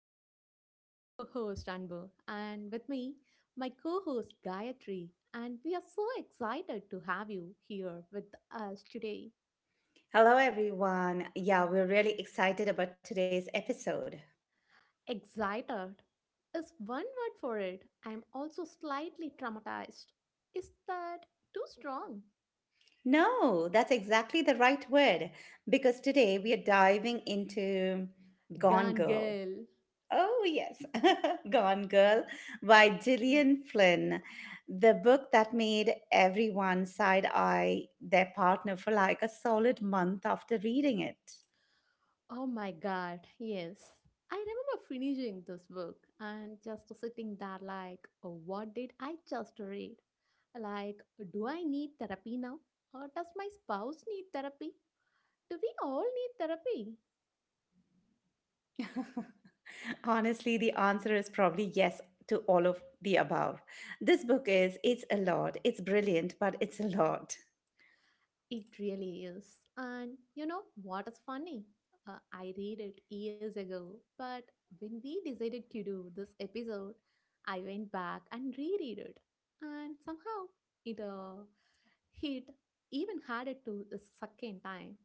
episode. I'm your host Anbu and with me my co-host Gayatri and we are so excited to have you here with us today. Hello, everyone. Yeah, we're really excited about today's episode. Excited is one word for it. I'm also slightly traumatized. Is that too strong? No, that's exactly the right word because today we are diving into Gone Gone Girl. girl. Oh, yes, Gone Girl by Gillian Flynn, the book that made everyone side eye their partner for like a solid month after reading it. Oh my god, yes. I remember finishing this book and just sitting there like, "Oh, what did I just read? Like, do I need therapy now? Or does my spouse need therapy? Do we all need therapy?" Honestly, the answer is probably yes to all of the above. This book is, it's a lot. It's brilliant, but it's a lot. It really is. And you know what is funny? I read it years ago, but when we decided to do this episode, I went back and reread it. And somehow it hit even harder to the second time.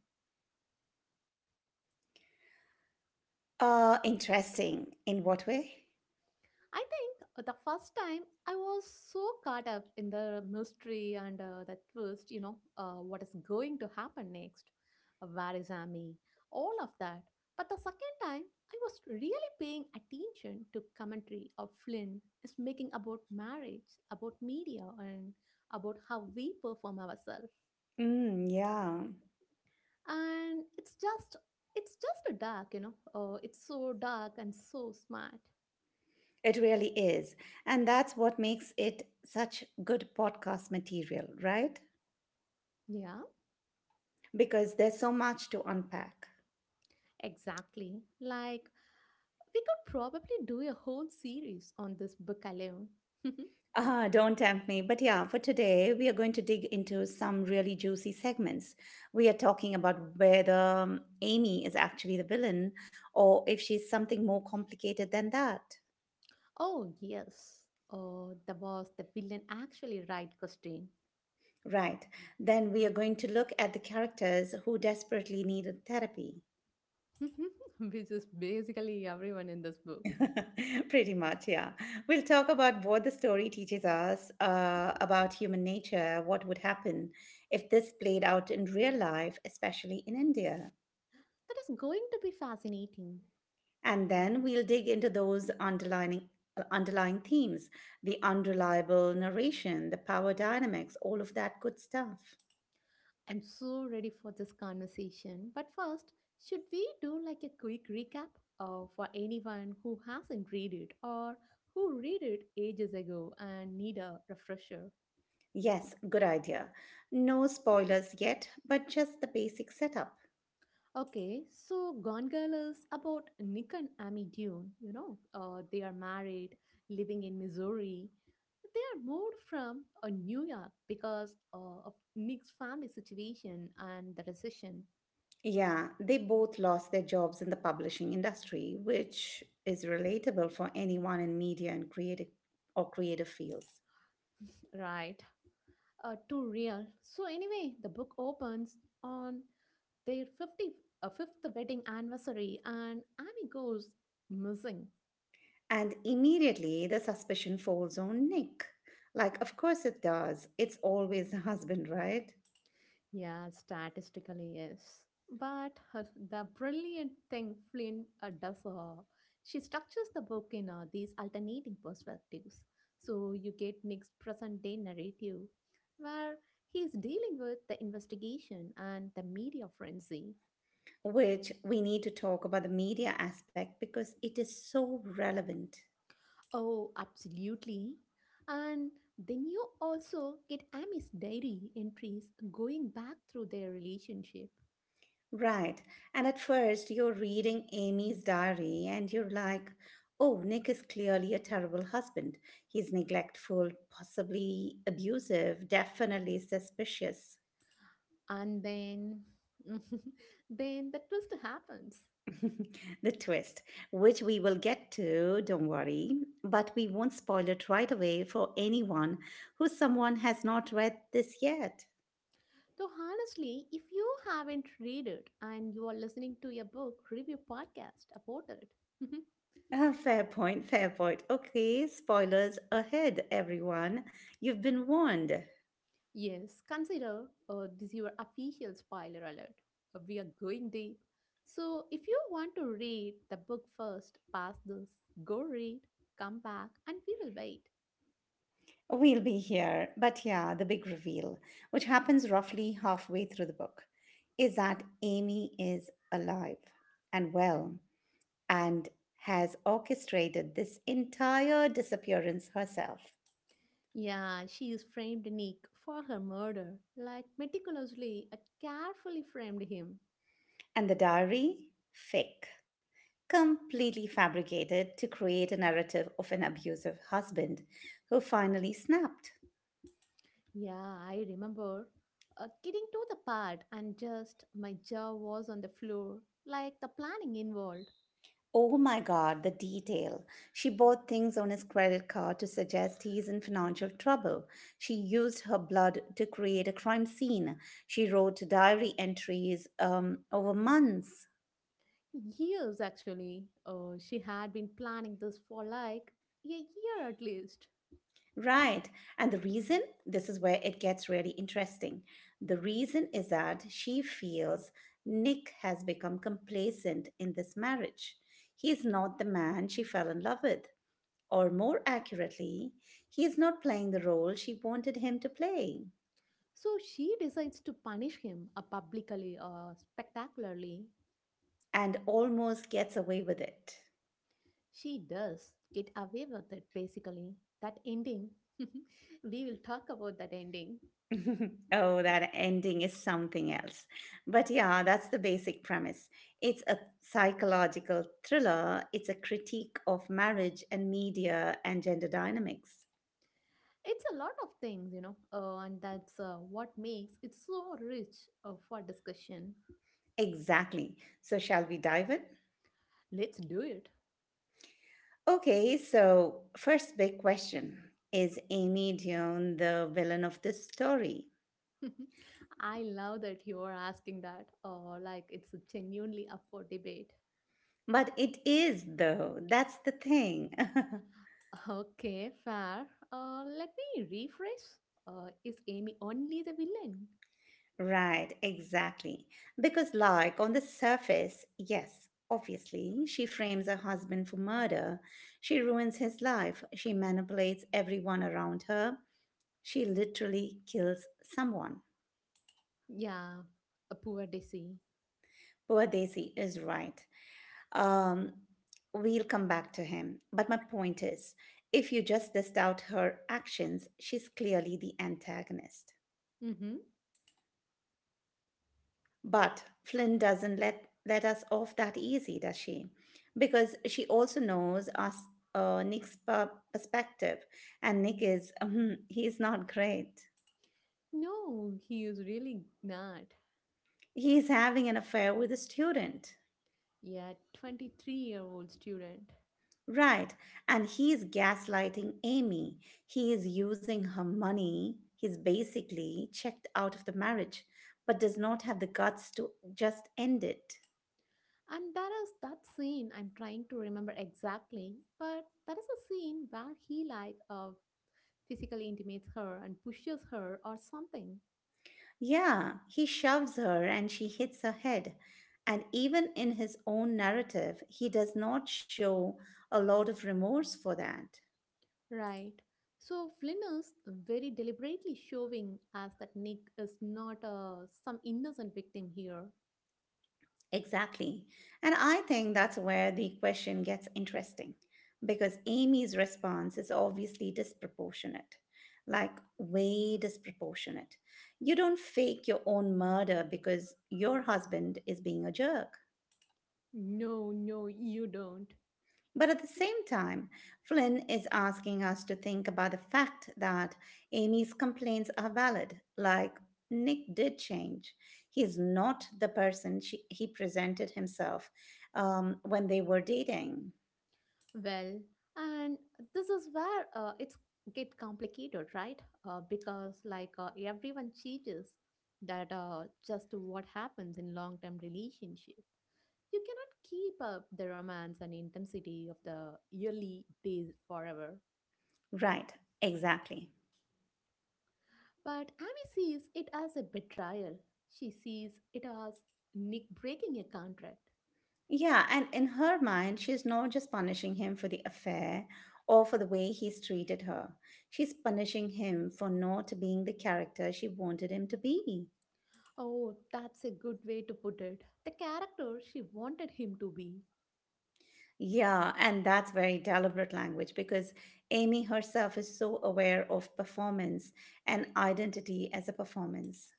Interesting. In what way? I think the first time I was so caught up in the mystery and the twist, you know, what is going to happen next, where is Amy, all of that. But the second time, I was really paying attention to commentary of Flynn is making about marriage, about media, and about how we perform ourselves. Mm, yeah, And it's just a dark, you know. It's so dark and so smart. it really is. And that's what makes it such good podcast material, right? Yeah, Because there's so much to unpack. exactly. Like, we could probably do a whole series on this book alone. Ah, don't tempt me. But yeah, for today, we are going to dig into some really juicy segments. We are talking about whether Amy is actually the villain or if she's something more complicated than that. Oh, yes. Oh, the was the villain actually right question. Right. Then we are going to look at the characters who desperately needed therapy. Which is basically everyone in this book. Pretty much, yeah. We'll talk about what the story teaches us about human nature, what would happen if this played out in real life, especially in India. That is going to be fascinating. And then we'll dig into those underlining underlying themes, the unreliable narration, the power dynamics, all of that good stuff. I'm so ready for this conversation. But first, should we do like a quick recap for anyone who hasn't read it or who read it ages ago and need a refresher? Yes, good idea. No spoilers yet, but just the basic setup. Okay, so Gone Girl is about Nick and Amy Dune. You know, they are married, living in Missouri. They are moved from New York because of Nick's family situation and the recession, Yeah, they both lost their jobs in the publishing industry, which is relatable for anyone in media and creative or creative fields. right? Too real. So anyway, the book opens on their fifth wedding anniversary, and Amy goes missing. And immediately the suspicion falls on Nick. Like, of course it does. It's always the husband, right? Yeah, statistically, yes. But her, the brilliant thing Flynn does, she structures the book in these alternating perspectives. So you get Nick's present day narrative, where he is dealing with the investigation and the media frenzy. Which we need to talk about the media aspect because it is so relevant. Oh, absolutely. And then you also get Amy's diary entries going back through their relationship. Right. And at first, you're reading Amy's diary and you're like, oh, Nick is clearly a terrible husband. He's neglectful, possibly abusive, definitely suspicious. And then then the twist happens. The twist, which we will get to, don't worry, but we won't spoil it right away for anyone who someone has not read this yet. So honestly, if you haven't read it and you are listening to a book review podcast about it Ah, fair point, fair point. Okay, spoilers ahead, everyone. You've been warned. yes, consider this your official spoiler alert. We are going deep, so if you want to read the book first, pass this, go read, come back, and we will wait. We'll be here. But yeah, the big reveal, which happens roughly halfway through the book, is that Amy is alive and well and has orchestrated this entire disappearance herself. Yeah, she is framed Nick for her murder, like meticulously, carefully framed him. And the diary? Fake. Completely fabricated to create a narrative of an abusive husband who finally snapped. Yeah, I remember getting to the part and just my jaw was on the floor, like the planning involved. Oh my God, the detail. She bought things on his credit card to suggest he's in financial trouble. She used her blood to create a crime scene. She wrote diary entries over months. Years actually, she had been planning this for like a year at least. Right. And the reason, this is where it gets really interesting. The reason is that she feels Nick has become complacent in this marriage. He's not the man she fell in love with. Or more accurately, he is not playing the role she wanted him to play So she decides to punish him publicly or spectacularly. and almost gets away with it. She does get away with it, basically. That ending. We will talk about that ending. Oh, that ending is something else. But yeah, that's the basic premise. It's a psychological thriller, it's a critique of marriage and media and gender dynamics. It's a lot of things, you know, and that's what makes it so rich for discussion. Exactly. So, shall we dive in? Let's do it. Okay, so first big question: is Amy Dion the villain of this story? I love that you are asking that, like it's genuinely up for debate. But it is, though. That's the thing. Okay, fair. Let me rephrase. Is Amy only the villain? Right, exactly. Because, like, on the surface, yes, obviously, she frames her husband for murder. She ruins his life. She manipulates everyone around her. She literally kills someone. Yeah, a poor Desi. Poor Daisy is right. Um, we'll come back to him. But my point is if you just list out her actions, she's clearly the antagonist. Mm-hmm. But Flynn doesn't let us off that easy, does she? Because she also knows us, perspective, and Nick is, he's not great. No, he is really not. He's having an affair with a student. Yeah, 23-year-old student. Right, and he's gaslighting Amy. He is using her money. He's basically checked out of the marriage, but does not have the guts to just end it. And that is that scene I'm trying to remember exactly, but that is a scene where he like physically intimates her and pushes her or something. Yeah, he shoves her and she hits her head. And even in his own narrative, he does not show a lot of remorse for that. Right. So Flynn is very deliberately showing us that Nick is not some innocent victim here. Exactly. And I think that's where the question gets interesting because Amy's response is obviously disproportionate, like, way disproportionate. You don't fake your own murder because your husband is being a jerk. No, no, you don't. But at the same time, Flynn is asking us to think about the fact that Amy's complaints are valid, like Nick did change. He's not the person he presented himself when they were dating. Well, and this is where it's get complicated, right? Because like everyone cheats, that just what happens in long-term relationship. You cannot keep up the romance and intensity of the early days forever. Right, exactly. But Amy sees it as a betrayal. She sees it as Nick breaking a contract. Yeah, and in her mind, she's not just punishing him for the affair or for the way he's treated her. She's punishing him for not being the character she wanted him to be. Oh, that's a good way to put it. The character she wanted him to be. Yeah, and that's very deliberate language because Amy herself is so aware of performance and identity as a performance.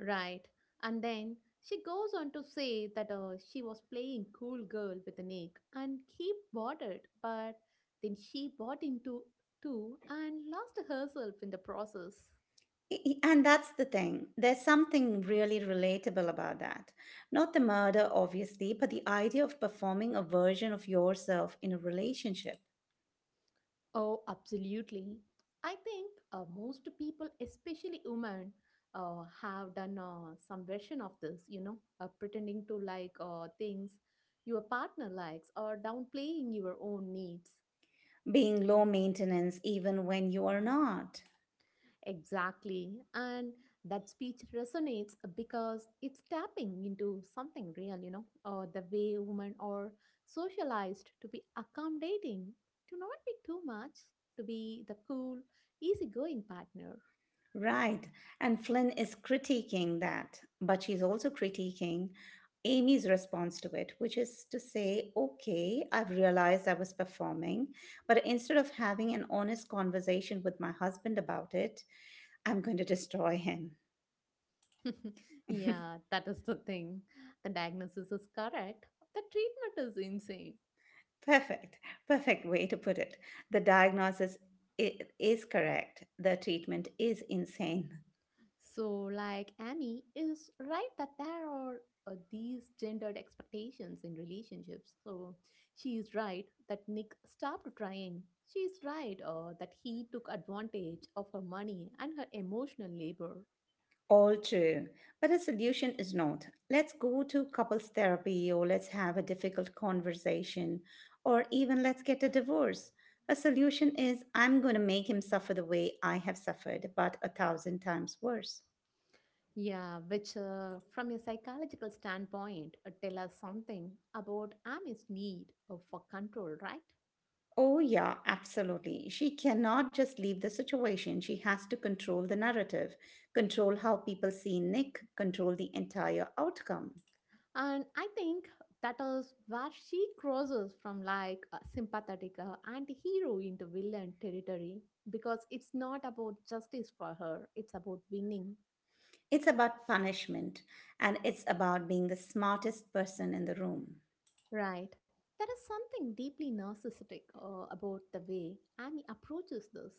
Right. And then she goes on to say that she was playing cool girl with Nick and he bought it, but then she bought into too and lost herself in the process. And that's the thing. There's something really relatable about that. Not the murder, obviously, but the idea of performing a version of yourself in a relationship, Oh, absolutely. I think most people, especially women, have done some version of this, you know, pretending to like things your partner likes or downplaying your own needs. being low maintenance even when you are not. Exactly. And that speech resonates because it's tapping into something real, you know, or the way women are socialized to be accommodating, to not be too much, to be the cool, easygoing partner. Right. And Flynn is critiquing that, but she's also critiquing Amy's response to it, which is to say, okay, I've realized I was performing, but instead of having an honest conversation with my husband about it, I'm going to destroy him. Yeah, that is the thing. The diagnosis is correct. The treatment is insane. Perfect. Perfect way to put it. The diagnosis is correct. The treatment is insane. So, like Amy is right that there are these gendered expectations in relationships. So, she is right that Nick stopped trying. She is right that he took advantage of her money and her emotional labor. All true. But a solution is not let's go to couples therapy or let's have a difficult conversation or even let's get a divorce. A solution is I'm going to make him suffer the way I have suffered, but a thousand times worse. Yeah, which from a psychological standpoint tell us something about Amy's need for control, right? Oh, yeah, absolutely. She cannot just leave the situation. She has to control the narrative, control how people see Nick, control the entire outcome. And I think that is where she crosses from like a sympathetic anti-hero into villain territory because it's not about justice for her, it's about winning. It's about punishment and it's about being the smartest person in the room. Right. There is something deeply narcissistic about the way Amy approaches this.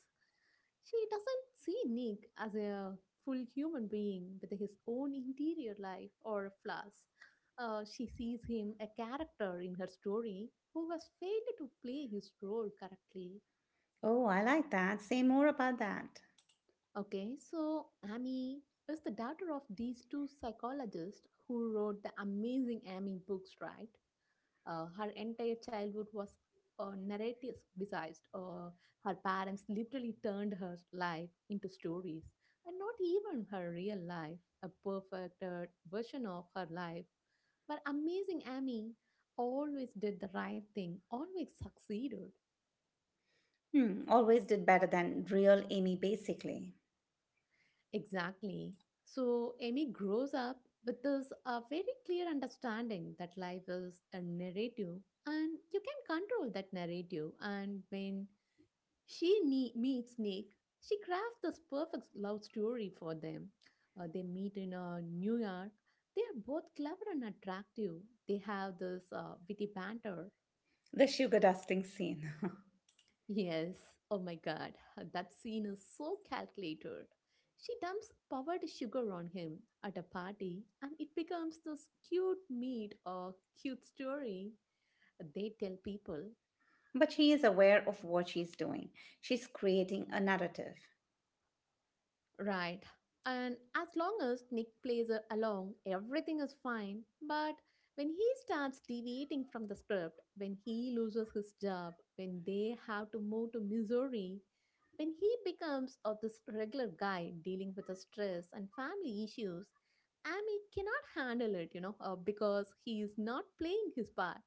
She doesn't see Nick as a full human being with his own interior life or flaws. She sees him a character in her story who has failed to play his role correctly. Oh, I like that. Say more about that. Okay, so Amy is the daughter of these two psychologists who wrote the amazing Amy books, right? Her entire childhood was narrative besides. Her parents literally turned her life into stories, and not even her real life, a perfected version of her life. But amazing Amy always did the right thing, always succeeded. Hmm, always did better than real Amy, basically. Exactly. So Amy grows up with this very clear understanding that life is a narrative and you can control that narrative. And when meets Nick, she crafts this perfect love story for them. They meet in New York. They are both clever and attractive. They have this witty banter. The sugar dusting scene. Yes, oh my god, that scene is so calculated. She dumps powdered sugar on him at a party, and it becomes this cute meet or cute story they tell people. But she is aware of what she's doing. She's creating a narrative. Right. And as long as Nick plays along, everything is fine. But when he starts deviating from the script, when he loses his job, when they have to move to Missouri, when he becomes of this regular guy dealing with the stress and family issues, Amy cannot handle it, you know, because he is not playing his part.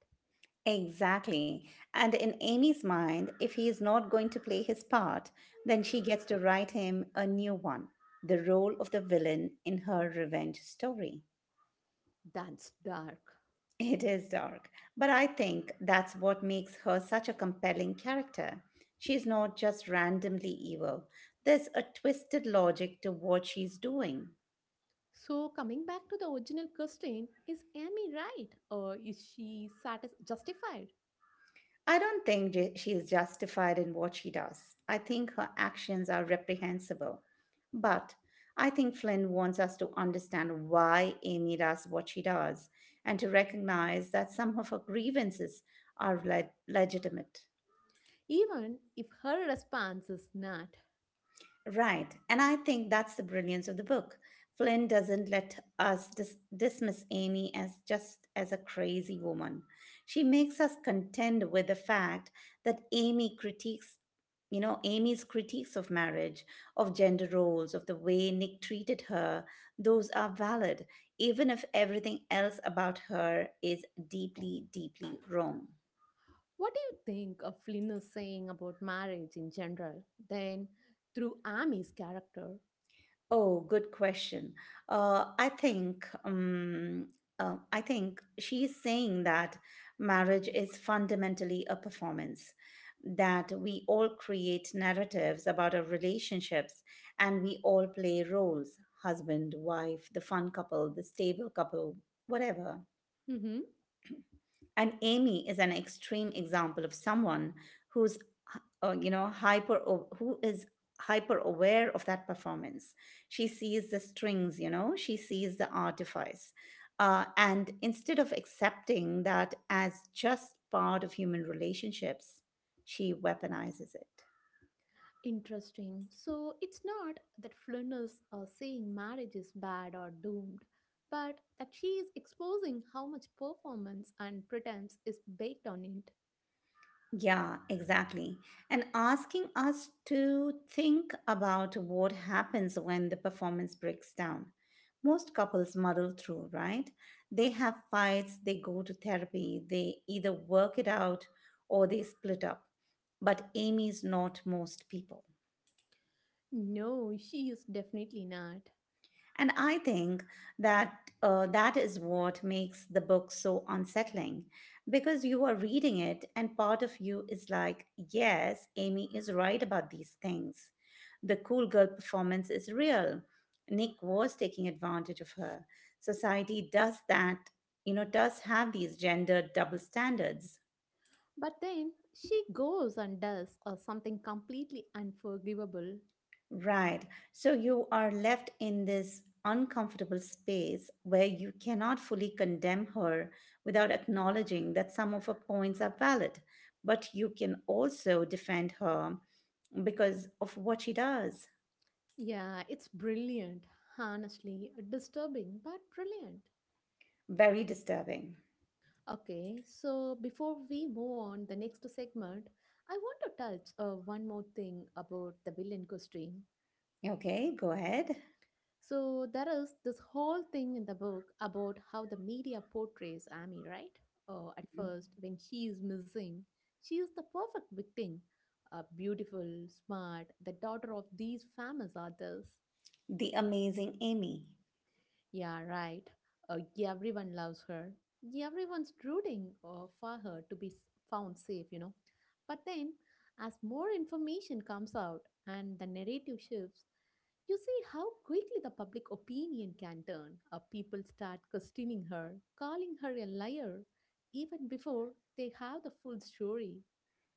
Exactly. And in Amy's mind, if he is not going to play his part, then she gets to write him a new one, the role of the villain in her revenge story. That's dark. It is dark, but I think that's what makes her such a compelling character. She's not just randomly evil, there's a twisted logic to what she's doing. So, coming back to the original question, is Amy right or is justified? I don't think she is justified in what she does. I think her actions are reprehensible. But I think Flynn wants us to understand why Amy does what she does and to recognize that some of her grievances are legitimate. Even if her response is not, Right. And I think that's the brilliance of the book. Flynn doesn't let us dismiss Amy as just as a crazy woman. She makes us contend with the fact that Amy's critiques of marriage, of gender roles, of the way Nick treated her, those are valid, even if everything else about her is deeply, deeply wrong. what do you think of Flynn is saying about marriage in general, then through Amy's character? Oh, good question. Uh, I think um, I think she's saying that marriage is fundamentally a performance, that we all create narratives about our relationships, and we all play roles: husband, wife, the fun couple, the stable couple, whatever. Mhm. And Amy is an extreme example of someone who's, uh, you know, hyper, who is hyper aware of that performance. She sees the strings, you know, she sees the artifice. And instead of accepting that as just part of human relationships, she weaponizes it. Interesting. So it's not that Flynn is saying marriage is bad or doomed, but that she is exposing how much performance and pretense is baked on it. Yeah, exactly. And asking us to think about what happens when the performance breaks down. Most couples muddle through, right? They have fights, they go to therapy, they either work it out or they split up. But Amy's not most people. No, she is definitely not. And I think that that is what makes the book so unsettling because you are reading it, and part of you is like, yes, Amy is right about these things. The cool girl performance is real. Nick was taking advantage of her. Society does that, you know, does have these gender double standards. But then she goes and does something completely unforgivable. Right. So you are left in this uncomfortable space where you cannot fully condemn her without acknowledging that some of her points are valid, but you can also defend her because of what she does. Yeah, it's brilliant. Honestly, disturbing but brilliant. Very disturbing. Okay, so before we move on the next segment, I want to touch one more thing about the villain costume. Okay, go ahead. So there is this whole thing in the book about how the media portrays Amy, right? At Mhm. first, when she is missing, she is the perfect victim, beautiful, smart, the daughter of these famous authors. The Amazing Amy. Yeah, right. Yeah, everyone loves her. Yeah, everyone's rooting for her to be found safe, you know. But then, as more information comes out and the narrative shifts, you see how quickly the public opinion can turn. People start questioning her, calling her a liar, even before they have the full story.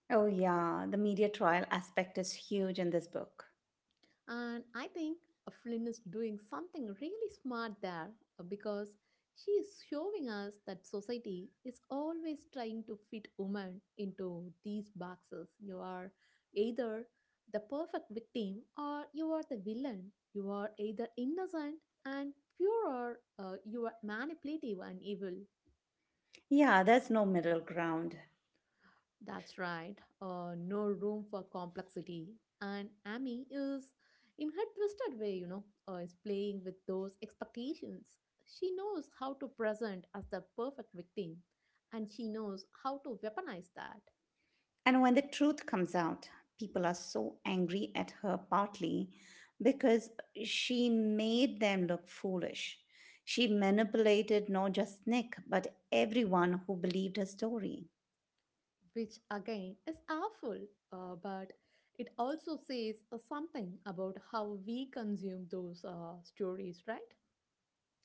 Oh, yeah, the media trial aspect is huge in this book. And I think Flynn is doing something really smart there because she is showing us that society is always trying to fit women into these boxes. You are either the perfect victim or you are the villain. You are either innocent and pure or you are manipulative and evil. Yeah, there's no middle ground. That's right. No room for complexity. And Amy is, in her twisted way, you know, is playing with those expectations. She knows how to present as the perfect victim, and she knows how to weaponize that, And when the truth comes out, people are so angry at her partly because she made them look foolish. She manipulated not just Nick, but everyone who believed her story. which again is awful. But it also says something about how we consume those stories, right?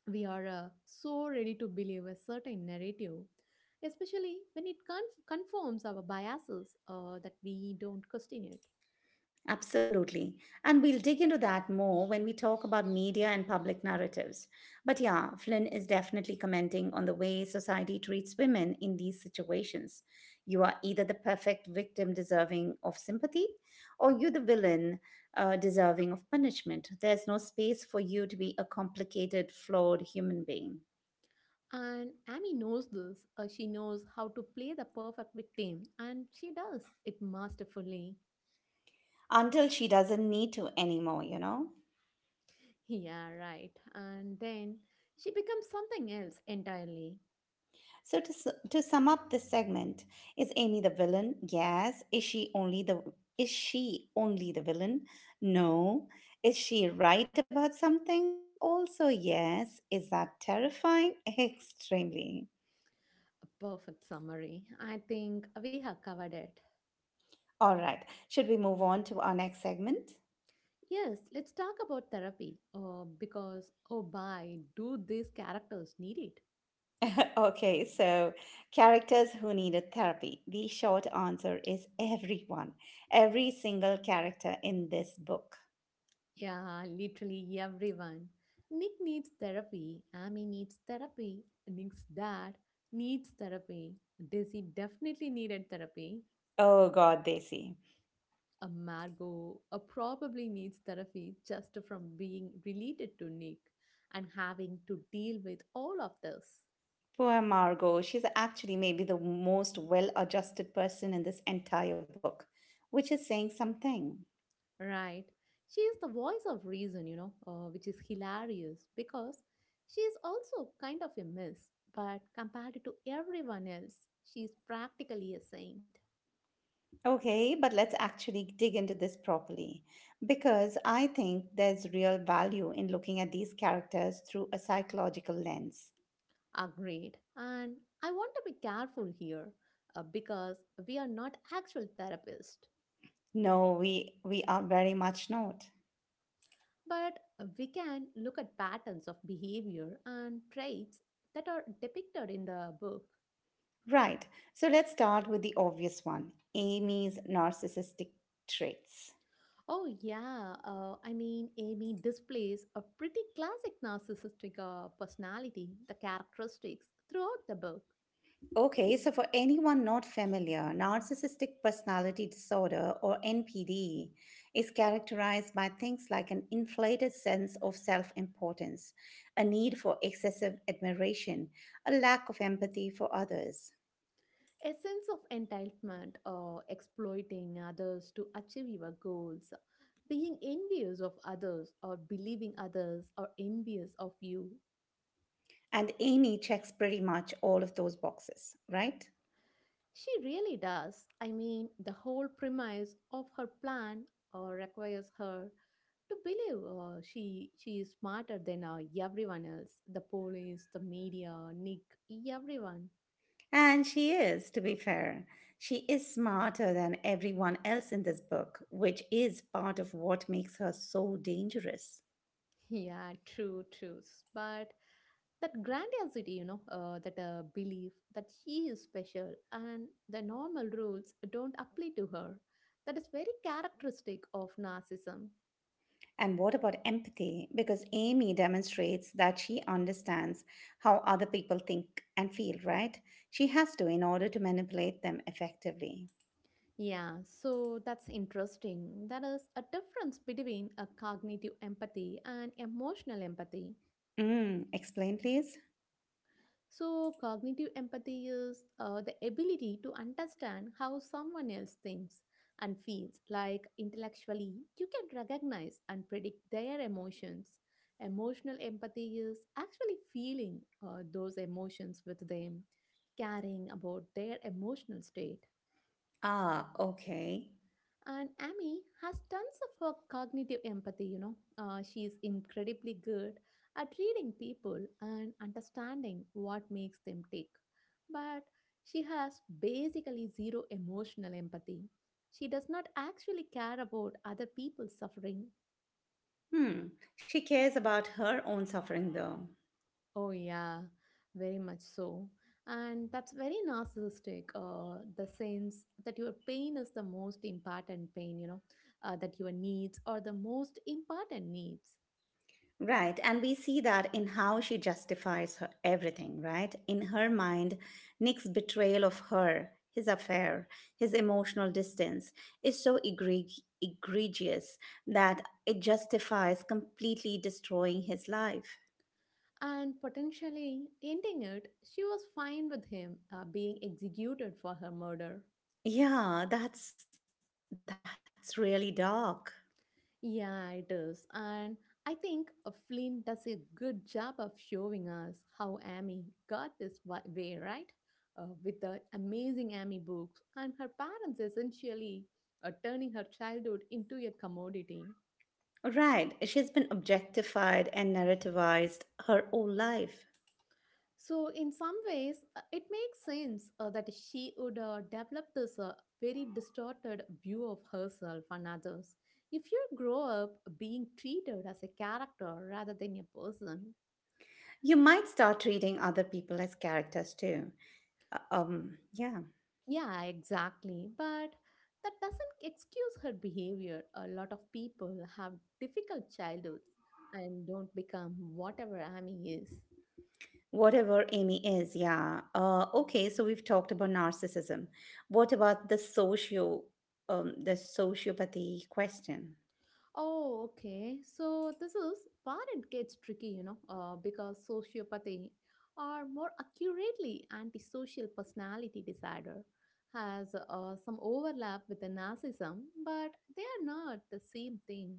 We are so ready to believe a certain narrative, especially when confirms our biases that we don't question it. Absolutely. And we'll dig into that more when we talk about media and public narratives. But yeah, Flynn is definitely commenting on the way society treats women in these situations. You are either the perfect victim deserving of sympathy, or you're the villain deserving of punishment. There's no space for you to be a complicated, flawed human being. And Amy knows this. She knows how to play the perfect victim, and she does it masterfully. Until she doesn't need to anymore, you know? Yeah, right. And then she becomes something else entirely. So, to sum up this segment, is Amy the villain? Yes. Is she only the villain? No. Is she right about some things? Also, yes. Is that terrifying? Extremely. A perfect summary. I think we have covered it. All right. Should we move on to our next segment? Yes, let's talk about therapy. Because, oh, by do these characters need it? Okay, so characters who needed therapy. The short answer is everyone. Every single character in this book. Yeah, literally everyone. Nick needs therapy. Amy needs therapy. Nick's dad needs therapy. Daisy definitely needed therapy. Oh god, Desi. A Margot probably needs therapy just from being related to Nick and having to deal with all of this. Poor Margot, she's actually maybe the most well adjusted person in this entire book, which is saying something. Right. She is the voice of reason, which is hilarious because she is also kind of a miss, but compared to everyone else, she is practically a saint. Okay, but let's actually dig into this properly because I think there's real value in looking at these characters through a psychological lens. Agreed. And I want to be careful here because we are not actual therapists, No, we are very much not. but we can look at patterns of behavior and traits that are depicted in the book. Right. So let's start with the obvious one, Amy's narcissistic traits. Oh, yeah. I mean, Amy displays a pretty classic narcissistic personality, the characteristics throughout the book. Okay, so for anyone not familiar, narcissistic personality disorder or NPD is characterized by things like an inflated sense of self importance, a need for excessive admiration, a lack of empathy for others. A sense of entitlement or exploiting others to achieve your goals, being envious of others or believing others are envious of you. And Amy checks pretty much all of those boxes, right? She really does. I mean, the whole premise of her plan requires her to believe she is smarter than everyone else. The police, the media, Nick, everyone. And she is, to be fair. She is smarter than everyone else in this book, which is part of what makes her so dangerous. Yeah, true, true. But that grandiosity, that belief that she is special and the normal rules don't apply to her. That is very characteristic of narcissism. And what about empathy? Because Amy demonstrates that she understands how other people think and feel, right? She has to in order to manipulate them effectively. Yeah, so that's interesting. There is a difference between a cognitive empathy and emotional empathy. Mm, explain, please. So, cognitive empathy is the ability to understand how someone else thinks and feels. Like intellectually, you can recognize and predict their emotions. Emotional empathy is actually feeling those emotions with them, caring about their emotional state. Ah, okay. And Amy has tons of her cognitive empathy. She is incredibly good at reading people and understanding what makes them tick. But she has basically zero emotional empathy. She does not actually care about other people's suffering. Hmm. She cares about her own suffering, though. Oh, yeah, very much so. And that's very narcissistic, the sense that your pain is the most important pain, that your needs are the most important needs. Right. And we see that in how she justifies her everything, right? In her mind, Nick's betrayal of her, his affair, his emotional distance is so egregious that it justifies completely destroying his life. And potentially ending it, she was fine with him being executed for her murder. Yeah, that's really dark. Yeah, it is. And I think Flynn does a good job of showing us how Amy got this way, right? With the amazing Amy books and her parents essentially turning her childhood into a commodity. Right. She's been objectified and narrativized her whole life. So, in some ways, it makes sense that she would develop this very distorted view of herself and others. If you grow up being treated as a character rather than a person, You might start treating other people as characters too. Yeah. yeah, exactly. But that doesn't excuse her behavior. A lot of people have difficult childhoods and don't become whatever Amy is. Whatever Amy is, yeah. Okay, so we've talked about narcissism. What about the sociopathy question? Oh, okay. So this is where it gets tricky, because sociopathy, or more accurately, antisocial personality disorder, has some overlap with the narcissism, but they are not the same thing.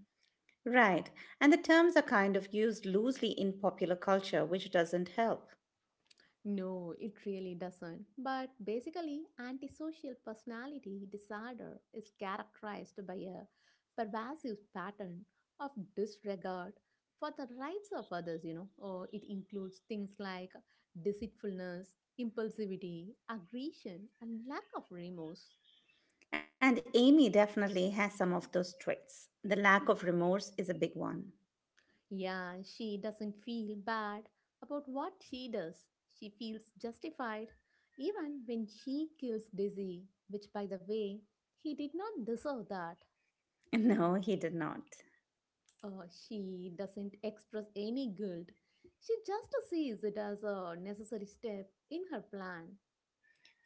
Right, and the terms are kind of used loosely in popular culture, which doesn't help. No, it really doesn't. But basically, antisocial personality disorder is characterized by a pervasive pattern of disregard for the rights of others, you know. Or it includes things like deceitfulness, impulsivity, aggression, and lack of remorse. And Amy definitely has some of those traits. The lack of remorse is a big one. Yeah, she doesn't feel bad about what she does. She feels justified even when she kills Dizzy, which, by the way, he did not deserve that. No, he did not. She doesn't express any guilt. She just sees it as a necessary step in her plan.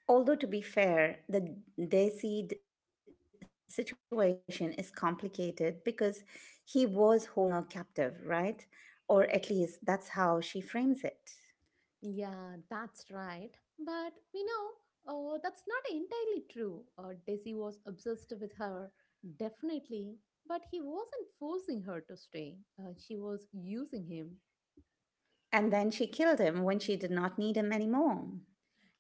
Although, to be fair, the Desi situation is complicated because he was holding her captive, right? Or at least that's how she frames it. Yeah, that's right. But we know that's not entirely true. Desi was obsessed with her, definitely. But he wasn't forcing her to stay, she was using him. And then she killed him when she did not need him anymore.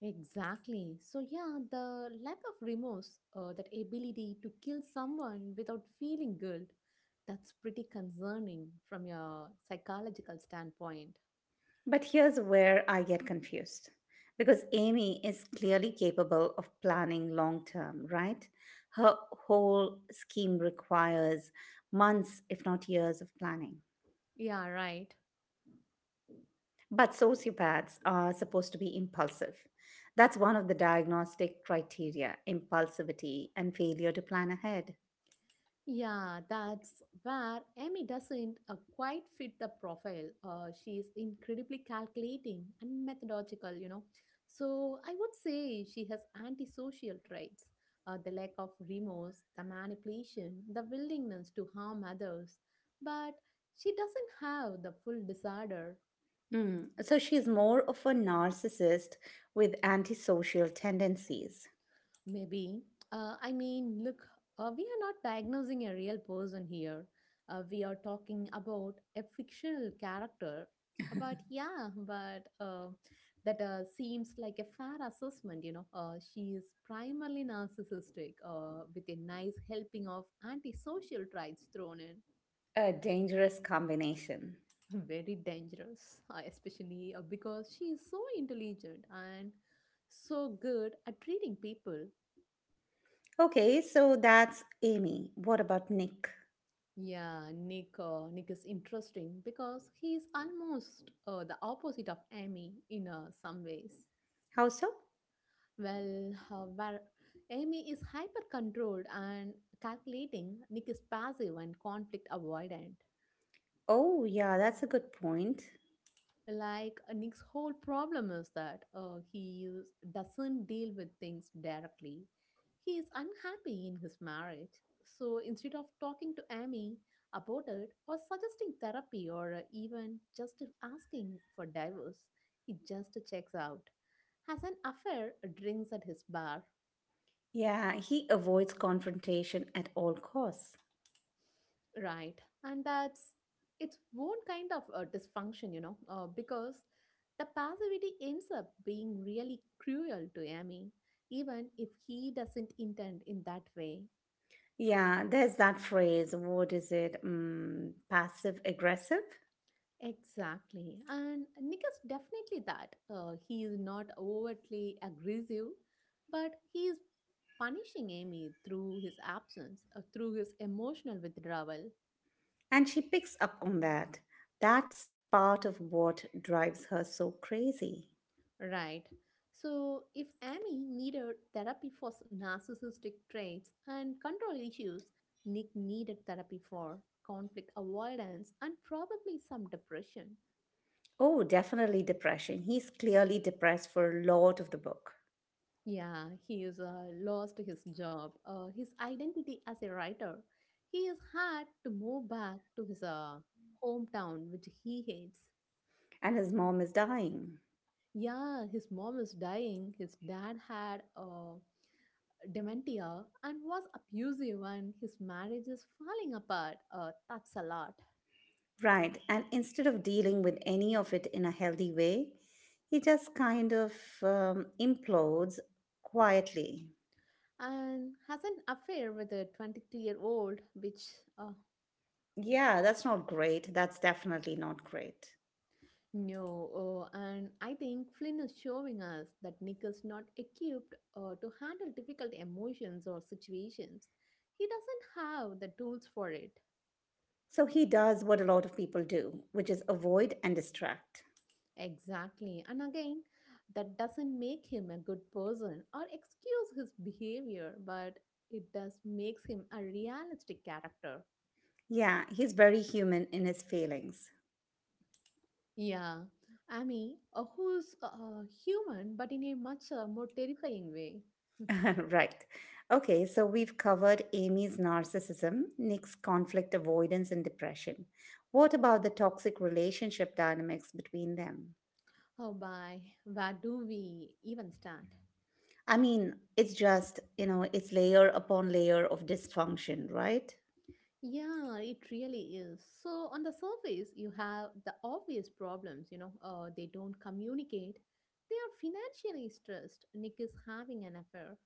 Exactly. So, yeah, the lack of remorse, that ability to kill someone without feeling guilt, that's pretty concerning from your psychological standpoint. But here's where I get confused because Amy is clearly capable of planning long term, right? Her whole scheme requires months, if not years, of planning. Yeah, right. But sociopaths are supposed to be impulsive. That's one of the diagnostic criteria impulsivity and failure to plan ahead. Yeah, that's where Amy doesn't quite fit the profile. She is incredibly calculating and methodological, you know. So I would say she has antisocial traits the lack of remorse, the manipulation, the willingness to harm others. But she doesn't have the full disorder. So she's more of a narcissist with antisocial tendencies. Maybe. I mean, look, we are not diagnosing a real person here. We are talking about a fictional character. But yeah, but that seems like a fair assessment, you know. She is primarily narcissistic with a nice helping of antisocial traits thrown in. A dangerous combination. Very dangerous, especially because she is so intelligent and so good at treating people. Okay, so that's Amy. What about Nick? Yeah, Nick. Nick is interesting because he is almost the opposite of Amy in some ways. How so? Well, where Amy is hyper controlled and calculating, Nick is passive and conflict avoidant. Oh, yeah, that's a good point. Like Nick's whole problem is that he is- doesn't deal with things directly. He is unhappy in his marriage. So instead of talking to Amy about it or suggesting therapy or even just asking for divorce, he just checks out, has an affair, drinks at his bar. Yeah, he avoids confrontation at all costs. Right. And that's its own kind of dysfunction, because the passivity ends up being really cruel to Amy, even if he doesn't intend in that way. Yeah, there's that phrase. What is it? Mm, passive aggressive. Exactly. And Nick is definitely that. He is not overtly aggressive, but he is punishing Amy through his absence, through his emotional withdrawal. And she picks up on that. That's part of what drives her so crazy. Right. So, if Amy needed therapy for narcissistic traits and control issues, Nick needed therapy for conflict avoidance and probably some depression. Oh, definitely depression. He's clearly depressed for a lot of the book, Yeah, he has lost his job, his identity as a writer. He has had to move back to his hometown, which he hates. and his mom is dying. Yeah, his mom is dying. His dad had dementia and was abusive and his marriage is falling apart. That's a lot. Right. And instead of dealing with any of it in a healthy way, he just kind of implodes quietly. And has an affair with a 22-year-old, which uh, Yeah, that's not great. That's definitely not great. no. Oh, and I think Flynn is showing us that Nick is not equipped to handle difficult emotions or situations. He doesn't have the tools for it. So he does what a lot of people do, which is avoid and distract. Exactly. And again, that doesn't make him a good person or excuse his behavior, but it does makes him a realistic character. Yeah, he's very human in his failings. Yeah. I mean, who's human but in a much more terrifying way. Right. Okay, so we've covered Amy's narcissism, Nick's conflict avoidance, and depression. What about the toxic relationship dynamics between them? Oh, bye. Where do we even start? I mean, it's just, you know, it's layer upon layer of dysfunction, right? Yeah, it really is. So, on the surface, you have the obvious problems, they don't communicate. They are financially stressed. Nick is having an affair.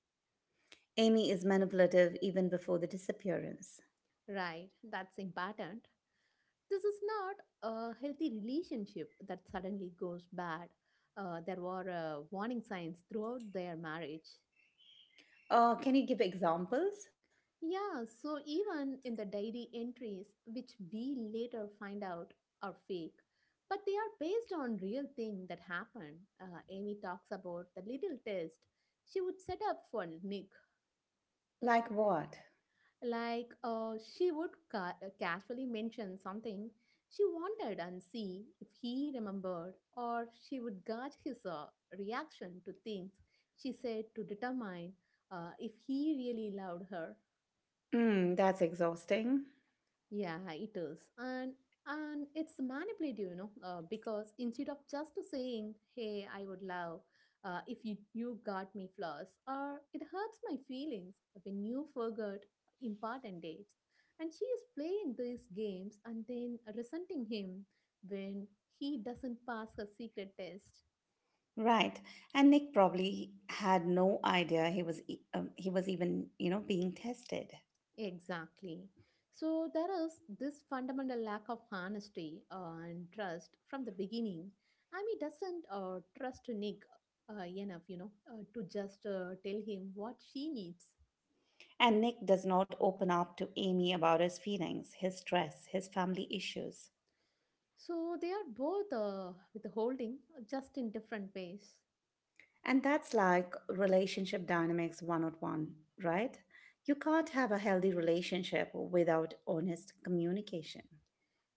Amy is manipulative even before the disappearance. Right, that's important. This is not a healthy relationship that suddenly goes bad. There were warning signs throughout their marriage. Can you give examples? Yeah, so even in the diary entries, which we later find out are fake, but they are based on real thing that happened. Amy talks about the little test she would set up for Nick. Like what? Like she would casually mention something she wanted and see if he remembered, or she would gauge his reaction to things she said to determine if he really loved her. Mm, that's exhausting. Yeah, it is. And it's manipulative, because instead of just saying, "Hey, I would love if you got me flowers," or "It hurts my feelings when you forgot important dates," and she is playing these games and then resenting him when he doesn't pass her secret test. Right. And Nick probably had no idea he was he was even, you know, being tested. Exactly. So there is this fundamental lack of honesty and trust from the beginning. I mean, doesn't trust Nick enough, to just tell him what she needs. And Nick does not open up to Amy about his feelings, his stress, his family issues. So they are both withholding, just in different ways. And that's like relationship dynamics 101, right? You can't have a healthy relationship without honest communication.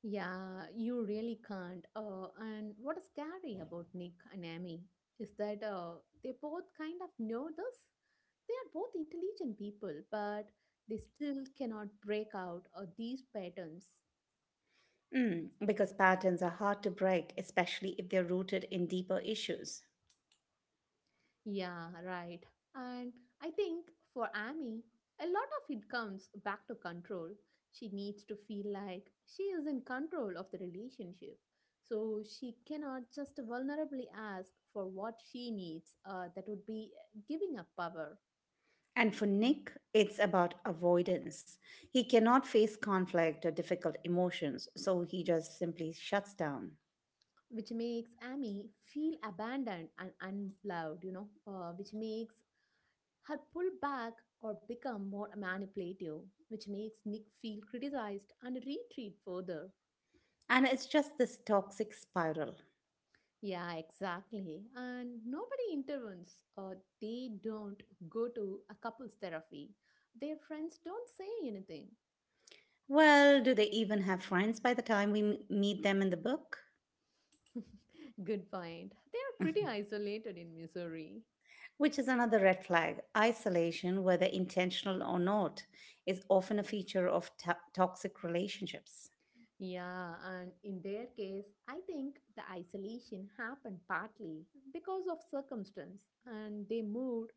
Yeah, you really can't. And what is scary about Nick and Amy is that they both kind of know this. They are both intelligent people, but they still cannot break out of these patterns. Mm, because patterns are hard to break, especially if they're rooted in deeper issues. Yeah, right. And I think for Amy, a lot of it comes back to control. She needs to feel like she is in control of the relationship. So she cannot just vulnerably ask for what she needs, that would be giving up power, And for Nick, it's about avoidance. He cannot face conflict or difficult emotions, so he just simply shuts down. which makes Amy feel abandoned and unloved, which makes had pulled back or become more manipulative, which makes Nick feel criticized and retreat further. And it's just this toxic spiral. Yeah, exactly. And nobody intervenes or they don't go to a couple's therapy. Their friends don't say anything. Well, do they even have friends by the time we meet them in the book? Good point. They are pretty isolated in Missouri. Which is another red flag. Isolation, whether intentional or not, is often a feature of toxic relationships Yeah, and in their case, I think the isolation happened partly because of circumstance and they moved,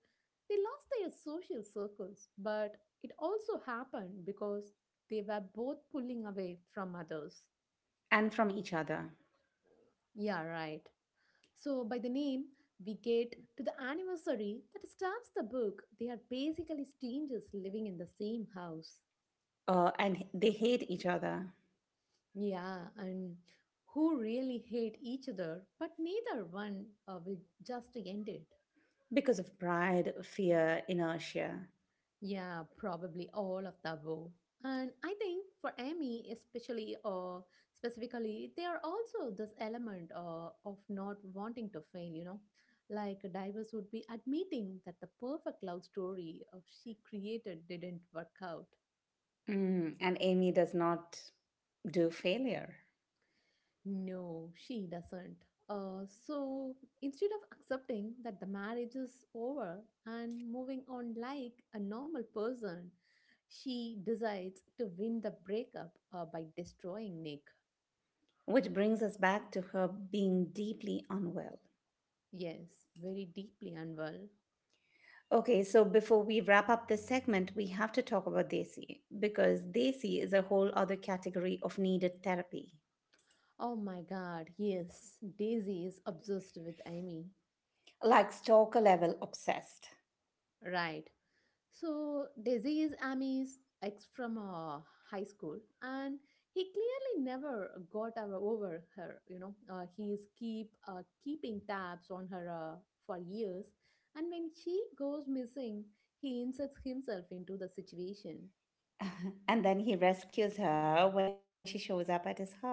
they lost their social circles, but it also happened because they were both pulling away from others. and from each other. Yeah, right. So, by the name, we get to the anniversary that starts the book. They are basically strangers living in the same house. And they hate each other Yeah, and who really hate each other, but neither one will just end it. because of pride, fear, inertia. Yeah, probably all of the above. And I think for Amy, especially or specifically, there are also this element of not wanting to fail, you know. Like divers would be admitting that the perfect love story of she created didn't work out. Mm, and Amy does not do failure, No, she doesn't. So instead of accepting that the marriage is over and moving on like a normal person, she decides to win the breakup by destroying Nick. which brings us back to her being deeply unwell. Yes, very deeply unwell. Okay, so before we wrap up this segment, we have to talk about Desi because Desi is a whole other category of needed therapy, Oh my god, yes, Daisy is obsessed with Amy. like stalker level obsessed. Right. So Desi is Amy's ex from high school, and he clearly never got over her. You know, he's keeping tabs on her for years, and when she goes missing, he inserts himself into the situation, and then he rescues her when she shows up at his house.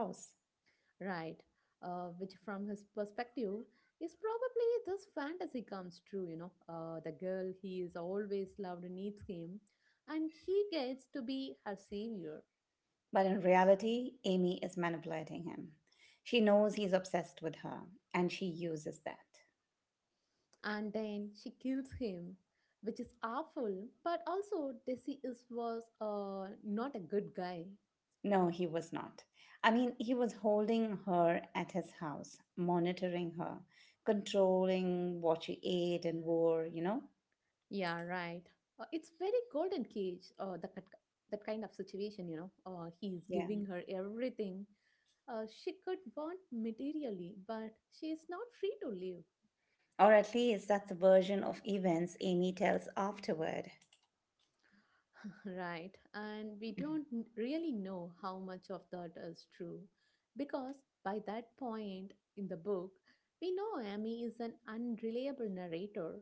right? Which, from his perspective, is probably this fantasy comes true. You know, the girl he is always loved needs him, and he gets to be her savior. But in reality, Amy is manipulating him. She knows he's obsessed with her and she uses that. And then she kills him, which is awful. But also, Desi is was not a good guy. No, he was not. I mean, he was holding her at his house, monitoring her, controlling what she ate and wore, you know? Yeah, right. It's very golden cage. That kind of situation, you know. He is Yeah. giving her everything. She could want materially, but she is not free to live. Or at least that's the version of events Amy tells afterward. Right, and we don't really know how much of that is true, because by that point in the book, we know Amy is an unreliable narrator.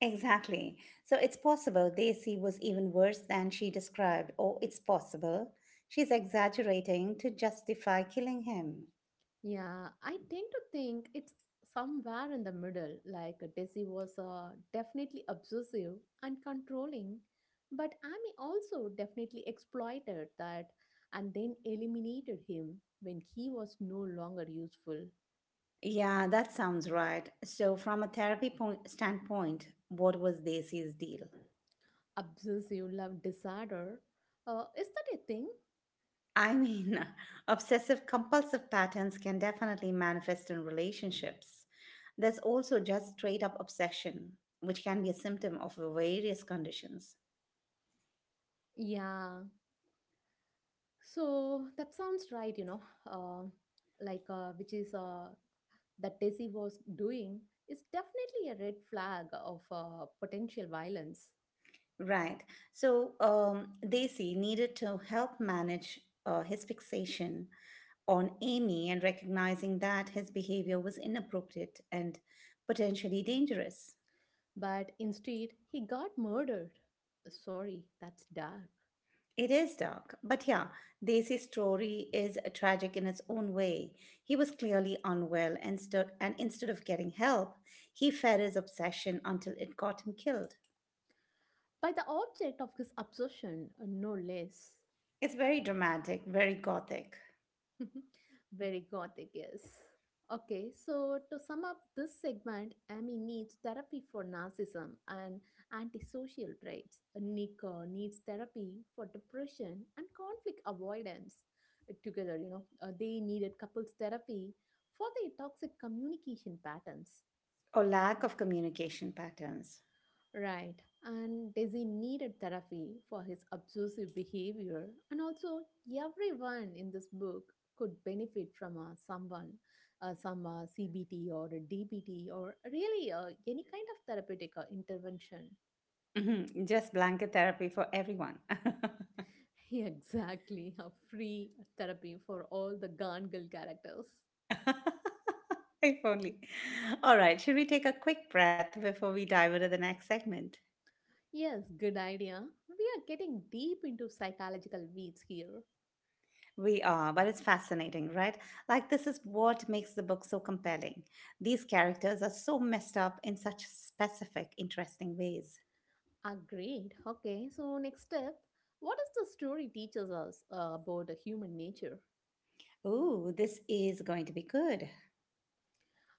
Exactly. So it's possible Daisy was even worse than she described, or it's possible she's exaggerating to justify killing him. Yeah, I tend to think it's somewhere in the middle. Like Desi was definitely obsessive and controlling, but Amy also definitely exploited that and then eliminated him when he was no longer useful. Yeah, that sounds right. So, from a therapy point standpoint, what was Daisy's deal? Obsessive love disorder. Is that a thing? I mean, obsessive compulsive patterns can definitely manifest in relationships. There's also just straight up obsession, which can be a symptom of various conditions. Yeah. So that sounds right, you know. Uh, like which is That Desi was doing is definitely a red flag of potential violence. Right. So, Daisy needed to help manage his fixation on Amy and recognizing that his behavior was inappropriate and potentially dangerous. But instead, he got murdered. Sorry, that's dark. It is dark, but yeah, Daisy's story is tragic in its own way. He was clearly unwell and and instead of getting help, he fed his obsession until it got him killed. By the object of his obsession, no less. It's very dramatic, very gothic, Very gothic, yes. Okay, so to sum up this segment, Amy needs therapy for narcissism and antisocial traits. Nick needs therapy for depression and conflict avoidance. Together, you know, they needed couples therapy for their toxic communication patterns. or lack of communication patterns. Right, and Desi needed therapy for his obsessive behavior, and also everyone in this book could benefit from someone, some CBT or a DBT or really any kind of therapeutic intervention. Mhm, just blanket therapy for everyone. exactly, a free therapy for all the Gone Girl characters. If only. All right, should we take a quick breath before we dive into the next segment? Yes, good idea. We are getting deep into psychological weeds here. We are, but it's fascinating, right? Like, this is what makes the book so compelling. These characters are so messed up in such specific, interesting ways. Agreed. Okay, so next step, what does the story teaches us about the human nature? Ooh, this is going to be good.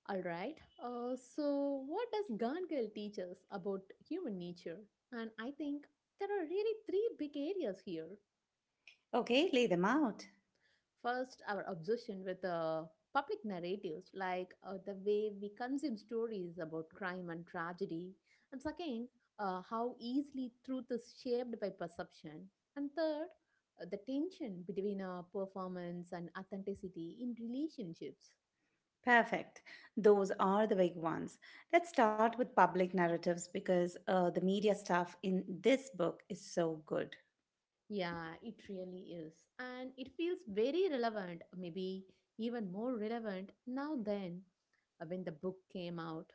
All right, so what does Gone Girl teach us about human nature? And I think there are really three big areas here. Okay, lay them out. First, our obsession with public narratives, like the way we consume stories about crime and tragedy. And second, how easily truth is shaped by perception. And third, the tension between performance and authenticity in relationships. Perfect. Those are the big ones. Let's start with public narratives because the media stuff in this book is so good. Yeah, it really is. And it feels very relevant, maybe even more relevant now than when the book came out.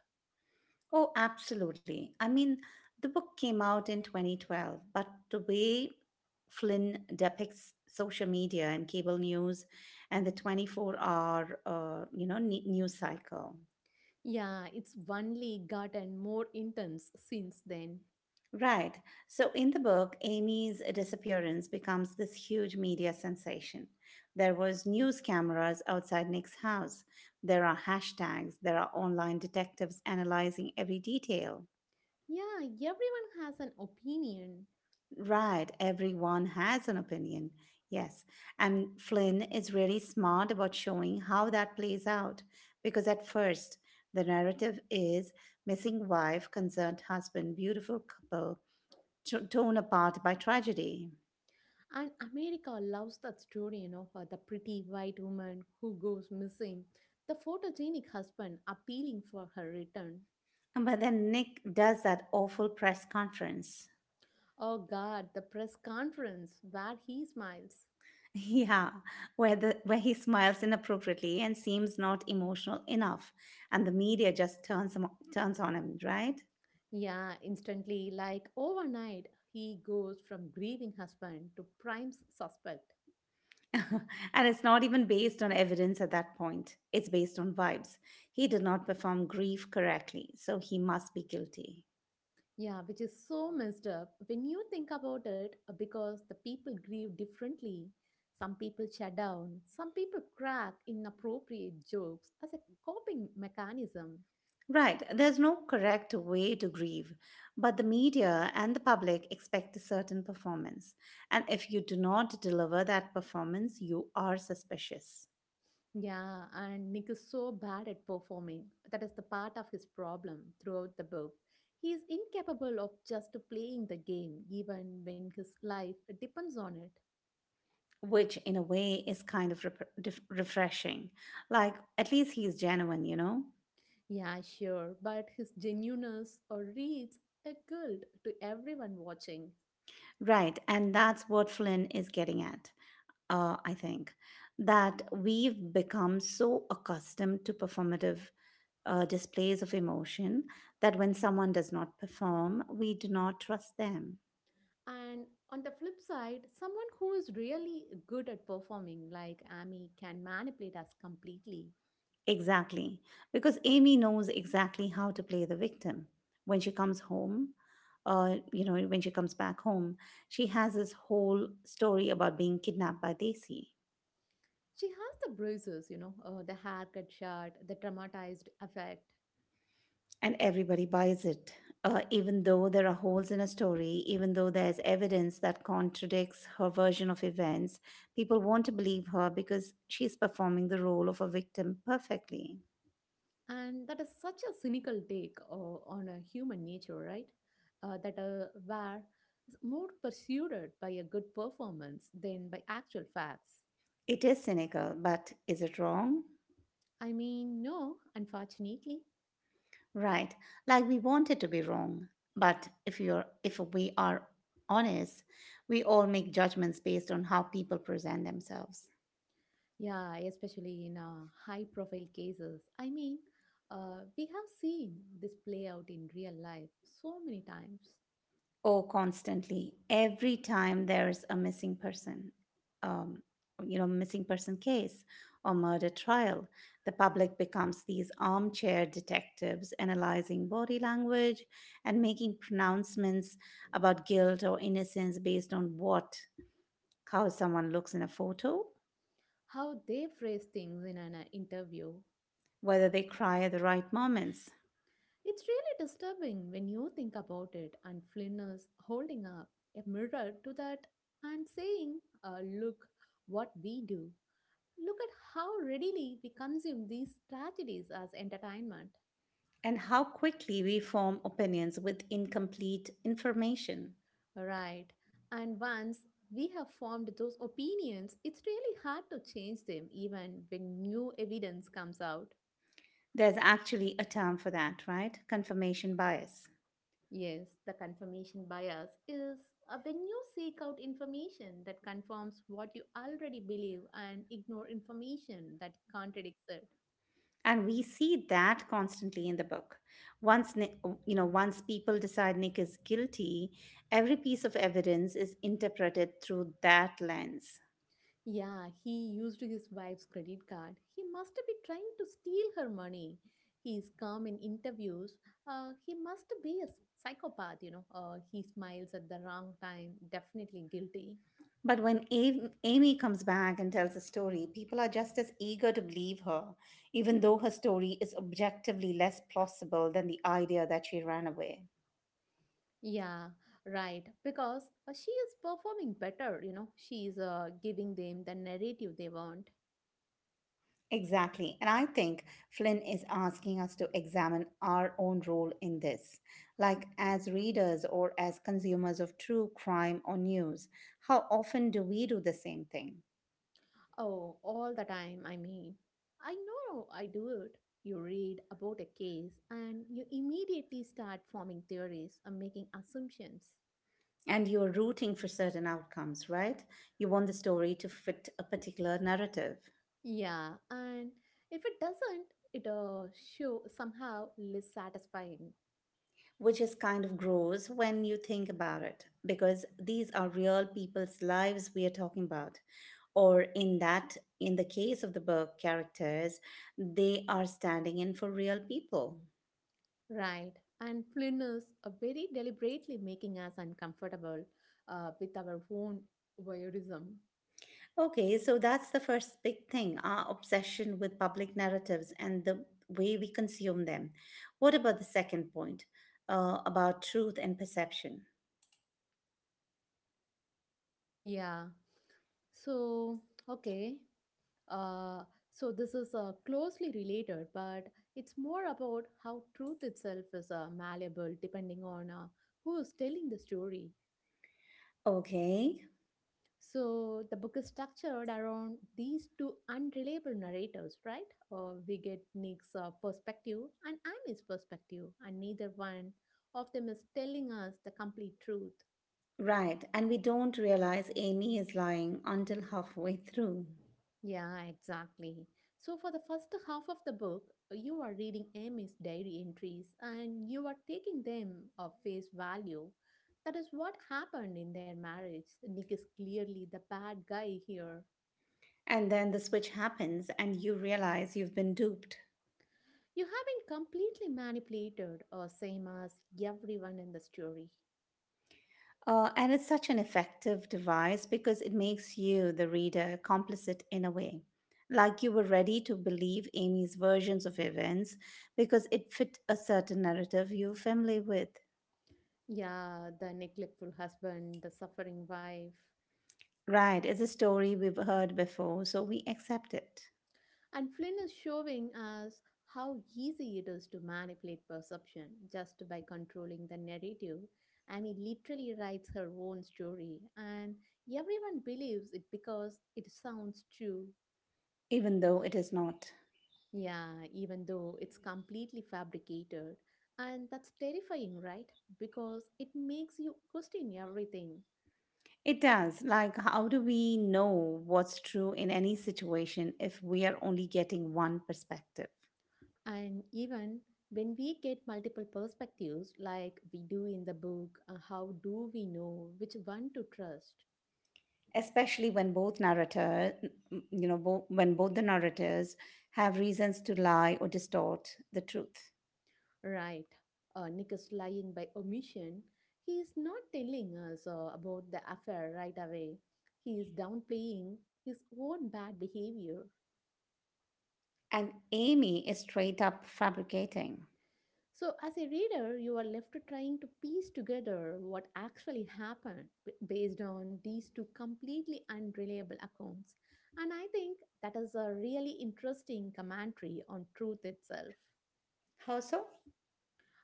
Oh, absolutely. I mean, the book came out in 2012, but the way Flynn depicts social media and cable news and the 24-hour, you know, news cycle. Yeah, it's only gotten more intense since then. Right. So in the book, Amy's disappearance becomes this huge media sensation. There was news cameras outside Nick's house. There are hashtags. There are online detectives analyzing every detail. Yeah, everyone has an opinion. Right, everyone has an opinion. Yes. And Flynn is really smart about showing how that plays out because at first the narrative is missing wife, concerned husband, beautiful couple torn apart by tragedy. And America loves that story, you know, her- the pretty white woman who goes missing, the photogenic husband appealing for her return. But then Nick does that awful press conference. Oh God, the press conference where he smiles. Yeah, where the where he smiles inappropriately and seems not emotional enough and the media just turns on him, right? Yeah, instantly, like overnight, he goes from grieving husband to prime suspect. And it's not even based on evidence at that point. It's based on vibes. He did not perform grief correctly, so he must be guilty. Yeah, which is so messed up when you think about it because the people grieve differently. Some people shut down, some people crack inappropriate jokes as a coping mechanism. Right, there's no correct way to grieve, but the media and the public expect a certain performance. And if you do not deliver that performance, you are suspicious, Yeah, and Nick is so bad at performing. That is the part of his problem throughout the book. He is incapable of just playing the game, even when his life depends on it. which in a way is kind of refreshing. Like, at least he's genuine, you know? Yeah, sure, but his genuineness or reads a guilt to everyone watching. Right, and that's what Flynn is getting at. I think that we've become so accustomed to performative displays of emotion that when someone does not perform, we do not trust them. And on the flip side, someone who is really good at performing, like Amy, can manipulate us completely. Exactly. Because Amy knows exactly how to play the victim. When she comes home, when she comes back home, she has this whole story about being kidnapped by Daisy. She has the bruises, you know, the haircut shot, the traumatized effect. And everybody buys it, even though there are holes in a story, even though there's evidence that contradicts her version of events, people want to believe her because she's performing the role of a victim perfectly. And that is such a cynical take on a human nature, right? That were more pursued by a good performance than by actual facts. It is cynical, but is it wrong? I mean, no, unfortunately. Right, like we want it to be wrong. But if we are honest, we all make judgments based on how people present themselves. Yeah, especially in high profile cases. I mean, we have seen this play out in real life so many times. Oh, constantly. Every time there's a missing person, um, missing person case or murder trial, the public becomes these armchair detectives analyzing body language and making pronouncements about guilt or innocence based on what, how someone looks in a photo, How they phrase things in an interview. whether they cry at the right moments, It's really disturbing when you think about it, and Flynn is holding up a mirror to that and saying, look what we do. Look at how readily we consume these tragedies as entertainment. and how quickly we form opinions with incomplete information. Right. And once we have formed those opinions, it's really hard to change them even when new evidence comes out. There's actually a term for that, right? Confirmation bias. Yes, the confirmation bias is when you seek out information that confirms what you already believe and ignore information that contradicts it. And we see that constantly in the book. Once Nick, Once people decide Nick is guilty, every piece of evidence is interpreted through that lens. Yeah, he used his wife's credit card. He must be trying to steal her money. He is calm in interviews. He must be a psychopath, you know. He smiles at the wrong time. Definitely guilty. But when Amy comes back and tells a story, people are just as eager to believe her, even though her story is objectively less plausible than the idea that she ran away. Yeah, right. Because she is performing better, you know. She is giving them the narrative they want. Exactly. And I think Flynn is asking us to examine our own role in this, like as readers or as consumers of true crime or news. How often do we do the same thing? Oh, all the time, I mean. I know I do it. You read about a case and you immediately start forming theories and making assumptions. And you're rooting for certain outcomes, right? You want the story to fit a particular narrative. Yeah, and if it doesn't, it show somehow less satisfying, Which is kind of gross when you think about it, because these are real people's lives we are talking about. Or in the case of the book characters, they are standing in for real people. right? And Flynn is very deliberately making us uncomfortable with our own voyeurism. Okay, so that's the first big thing our obsession with public narratives and the way we consume them. What about the second point about truth and perception? Yeah. So, okay. Uh, so this is closely related, but it's more about how truth itself is malleable depending on who is telling the story. Okay, So the book is structured around these two unreliable narrators, right? We get Nick's perspective and Annie's perspective, and neither one of them is telling us the complete truth. right, and we don't realize Amy is lying until halfway through. Yeah, exactly. So for the first half of the book, you are reading Amy's diary entries and you are taking them at face value. That is what happened in their marriage. Nick is clearly the bad guy here. And then the switch happens and you realize you've been duped. You have been completely manipulated, or same as everyone in the story. And it's such an effective device because it makes you, the reader, complicit in a way. Like you were ready to believe Amy's versions of events because it fit a certain narrative you're familiar with. Yeah, the neglectful husband, the suffering wife. Right, it's a story we've heard before, so we accept it, And Flynn is showing us how easy it is to manipulate perception just by controlling the narrative. I mean, literally writes her own story, and everyone believes it because it sounds true. even though it is not. Yeah, even though it's completely fabricated. And that's terrifying, right? Because it makes you question everything. It does. Like, how do we know what's true in any situation if we are only getting one perspective? And even when we get multiple perspectives, like we do in the book, how do we know which one to trust? Especially when both narrator n- you know bo- when both the narrators have reasons to lie or distort the truth Right. Nick is lying by omission. He is not telling us about the affair right away. He is downplaying his own bad behavior. and amy is straight up fabricating. So, as a reader, you are left to trying to piece together what actually happened based on these two completely unreliable accounts. And I think that is a really interesting commentary on truth itself. How so?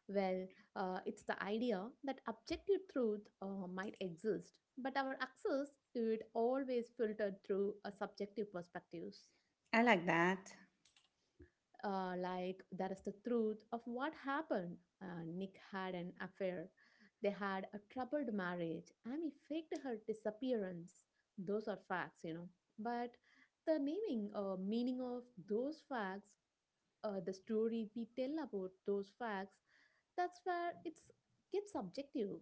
Well, it's the idea that objective truth might exist, but our access to it always filtered through a subjective perspectives. I like that. Like that is the truth of what happened. Nick had an affair. They had a troubled marriage. Amy faked her disappearance. Those are facts, you know. But the naming meaning of those facts, the story we tell about those facts, that's where it's gets subjective.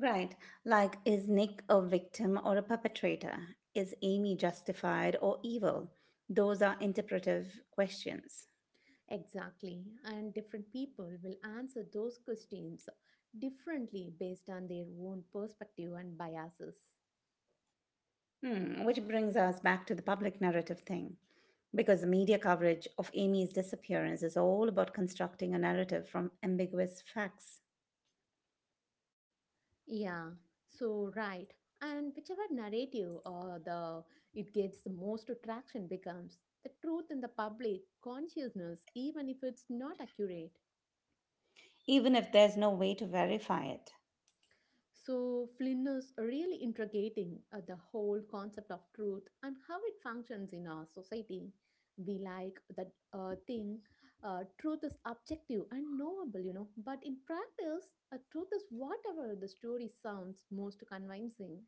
Right, like is nick a victim or a perpetrator, is amy justified or evil, those are interpretive questions. Exactly. And different people will answer those questions differently based on their own perspective and biases. Hmm, which brings us back to the public narrative thing. Because the media coverage of Amy's disappearance is all about constructing a narrative from ambiguous facts, Yeah, so right. And whichever narrative or the it gets the most traction becomes the truth in the public consciousness, even if it's not accurate. even if there's no way to verify it. So Flynn is really interrogating the whole concept of truth and how it functions in our society. We like that thing, truth is objective and knowable, you know. But in practice, a truth is whatever the story sounds most convincing.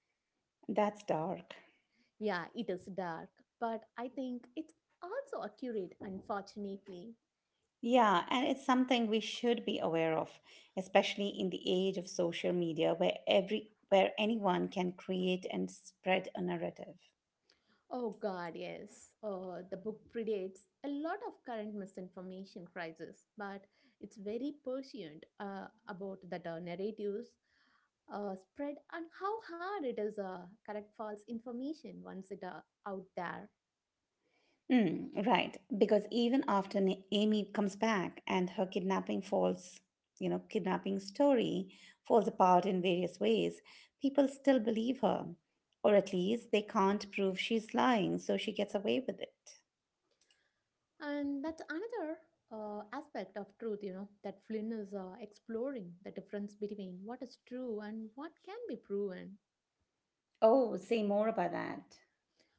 That's dark. Yeah, it is dark, but I think it's also accurate, unfortunately. Yeah, and it's something we should be aware of, especially in the age of social media where every where anyone can create and spread a narrative. Oh god, yes. The book predates a lot of current misinformation crisis, but it's very prescient about that narratives spread and how hard it is correct false information once it out there. Mm, right. Because even after Amy comes back and her kidnapping story falls apart in various ways, people still believe her. Or at least they can't prove she's lying, so she gets away with it. And that's another aspect of truth, you know, that Flynn is exploring the difference between what is true and what can be proven. Oh, say more about that.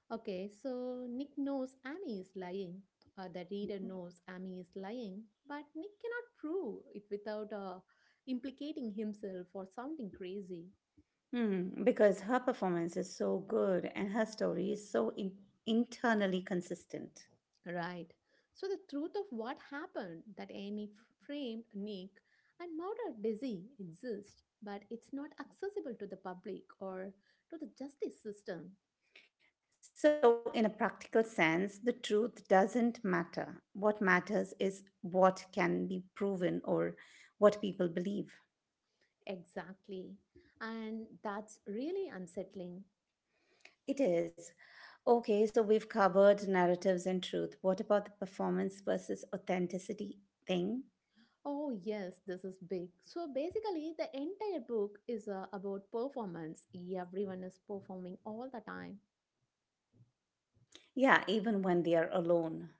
Okay, so Nick knows Amy is lying. The reader knows Amy is lying, but Nick cannot prove it without implicating himself or sounding crazy. Hmm, because her performance is so good and her story is so internally consistent. Right. So the truth of what happened that Amy framed Nick and murdered Dizzy exists, but it's not accessible to the public or to the justice system. So, in a practical sense, the truth doesn't matter. What matters is what can be proven or what people believe. Exactly. And that's really unsettling. It is. Okay, so we've covered narratives and truth. What about the performance versus authenticity thing? Oh, yes, this is big. So basically, the entire book is about performance. Everyone is performing all the time. Yeah, even when they are alone.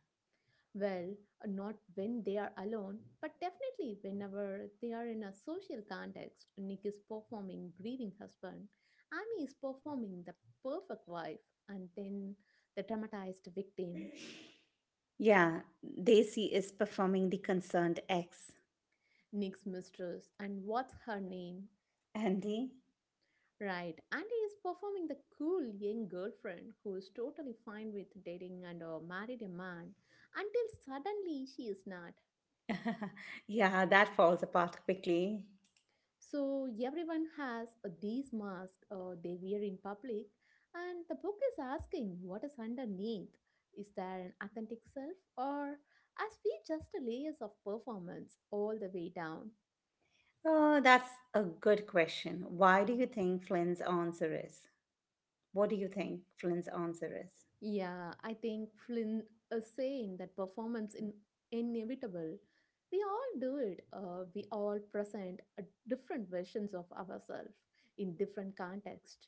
Well, not when they are alone, but definitely whenever they are in a social context. Nick is performing grieving husband, Amy is performing the perfect wife, and then the traumatized victim, Yeah, Daisy is performing the concerned X. Nick's mistress, and what's her name? Andy? Right, and he is performing the cool young girlfriend who is totally fine with dating and married a man until suddenly she is not. Yeah, that falls apart quickly. So, everyone has these masks they wear in public, and the book is asking what is underneath. Is there an authentic self, or as we just layers of performance all the way down? Oh, that's a good question. Why do you think Flynn's answer is? What do you think Flynn's answer is? Yeah, I think Flynn is saying that performance in inevitable. We all do it. We all present different versions of ourselves in different context.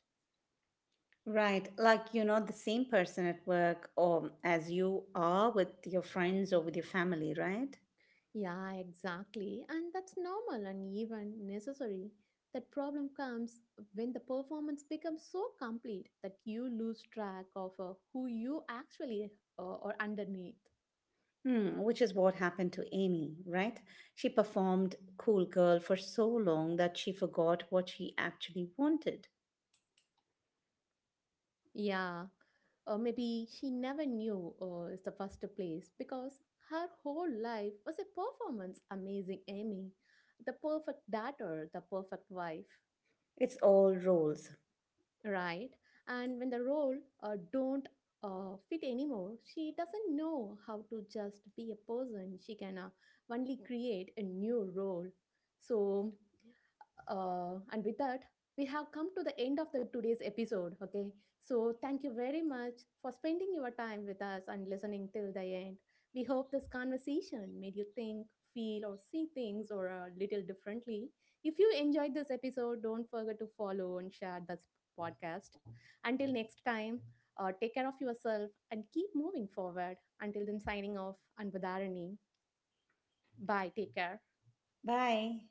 Right, like you're not the same person at work or as you are with your friends or with your family, right? Yeah, exactly. And that's normal and even necessary. That problem comes when the performance becomes so complete that you lose track of who you actually are underneath. Hmm, which is what happened to Amy, right? She performed cool girl for so long that she forgot what she actually wanted. Yeah, or maybe she never knew is the first place because her whole life was a performance. Amazing Amy, the perfect daughter, the perfect wife, It's all roles. right? And when the role don't fit anymore, she doesn't know how to just be a person. She can only create a new role. So. And with that, we have come to the end of the today's episode. Okay, so thank you very much for spending your time with us and listening till the end. We hope this conversation made you think, feel, or see things or a little differently. If you enjoyed this episode, don't forget to follow and share this podcast. Until next time, take care of yourself and keep moving forward. Until then, signing off. And Anvadarani. Bye. Take care. Bye.